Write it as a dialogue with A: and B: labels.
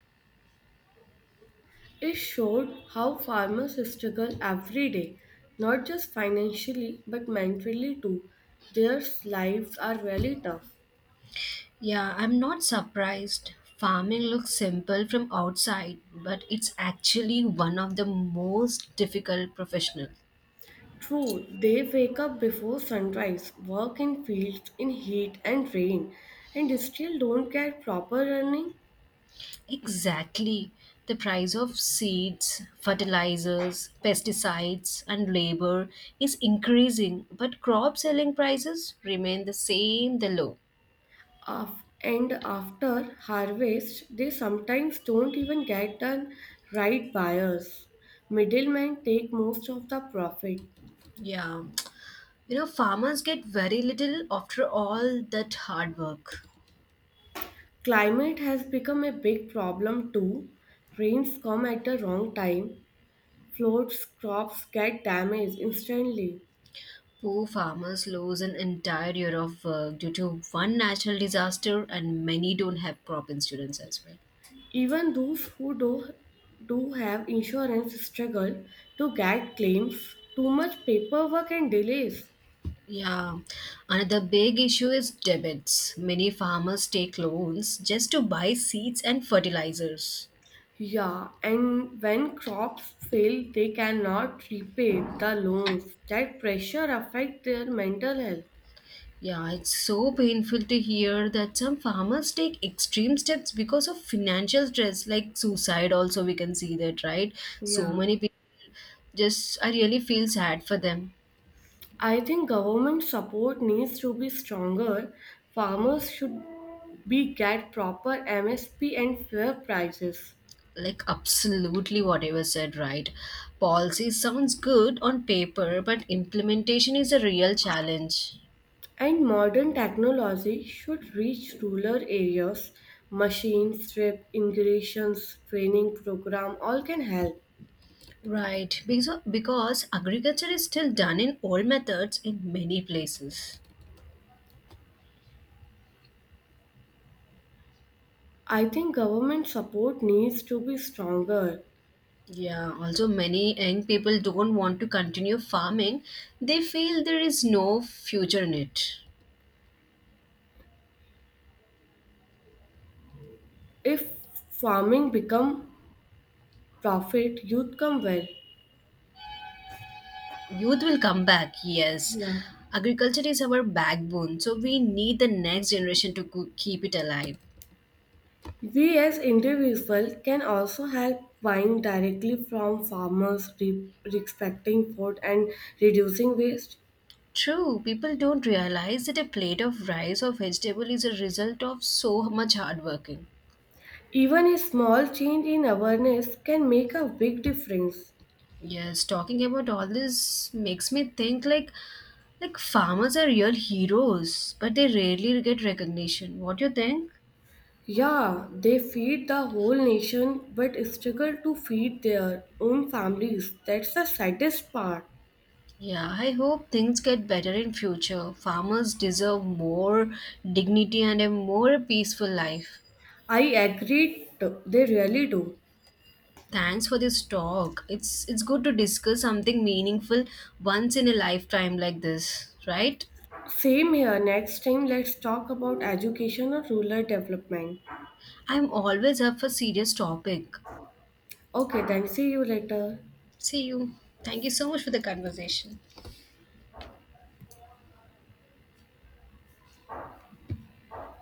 A: It showed how farmers struggle every day, not just financially but mentally too. Their lives are really tough.
B: Yeah, I'm not surprised. Farming looks simple from outside, but it's actually one of the most difficult professional.
A: True, they wake up before sunrise, work in fields in heat and rain, and still don't get proper running.
B: Exactly. The price of seeds, fertilizers, pesticides, and labor is increasing, but crop selling prices remain the same, the low.
A: And after harvest, they sometimes don't even get the right buyers. Middlemen take most of the profit.
B: Yeah. Farmers get very little after all that hard work.
A: Climate has become a big problem too. Rains come at the wrong time, floods, crops get damaged instantly.
B: Poor farmers lose an entire year of work due to one natural disaster, and many don't have crop insurance as well.
A: Even do have insurance struggle to get claims, too much paperwork and delays.
B: Yeah, another big issue is debits. Many farmers take loans just to buy seeds and fertilizers.
A: Yeah, and when crops fail, they cannot repay the loans. That pressure affects their mental health.
B: Yeah, it's so painful to hear that some farmers take extreme steps because of financial stress, like suicide, also, we can see that, right? So
A: Yeah.
B: many people just, I really feel sad for them.
A: I think government support needs to be stronger. Farmers should be get proper MSP and fair prices.
B: Like absolutely whatever said, right, policy sounds good on paper, but implementation is a real challenge.
A: And modern technology should reach rural areas. Machine strip, irrigations, training program all can help.
B: Right, because agriculture is still done in old methods in many places.
A: I think government support needs to be stronger.
B: Yeah, also many young people don't want to continue farming, they feel there is no future in it.
A: If farming become profit, youth come well.
B: Youth will come back, yes,
A: Yeah.
B: agriculture is our backbone, so we need the next generation to keep it alive.
A: We as individuals can also help buying directly from farmers, respecting food and reducing waste.
B: True, people don't realize that a plate of rice or vegetable is a result of so much hard working.
A: Even a small change in awareness can make a big difference.
B: Yes, talking about all this makes me think like farmers are real heroes, but they rarely get recognition. What do you think?
A: Yeah, they feed the whole nation but struggle to feed their own families. That's the saddest part.
B: Yeah, I hope things get better in future. Farmers deserve more dignity and a more peaceful life.
A: I agree, they really do.
B: Thanks for this talk. It's good to discuss something meaningful once in a lifetime like this, right?
A: Same here. Next time, let's talk about education or rural development.
B: I'm always up for serious topic.
A: Okay, then see you later.
B: See you. Thank you so much for the conversation.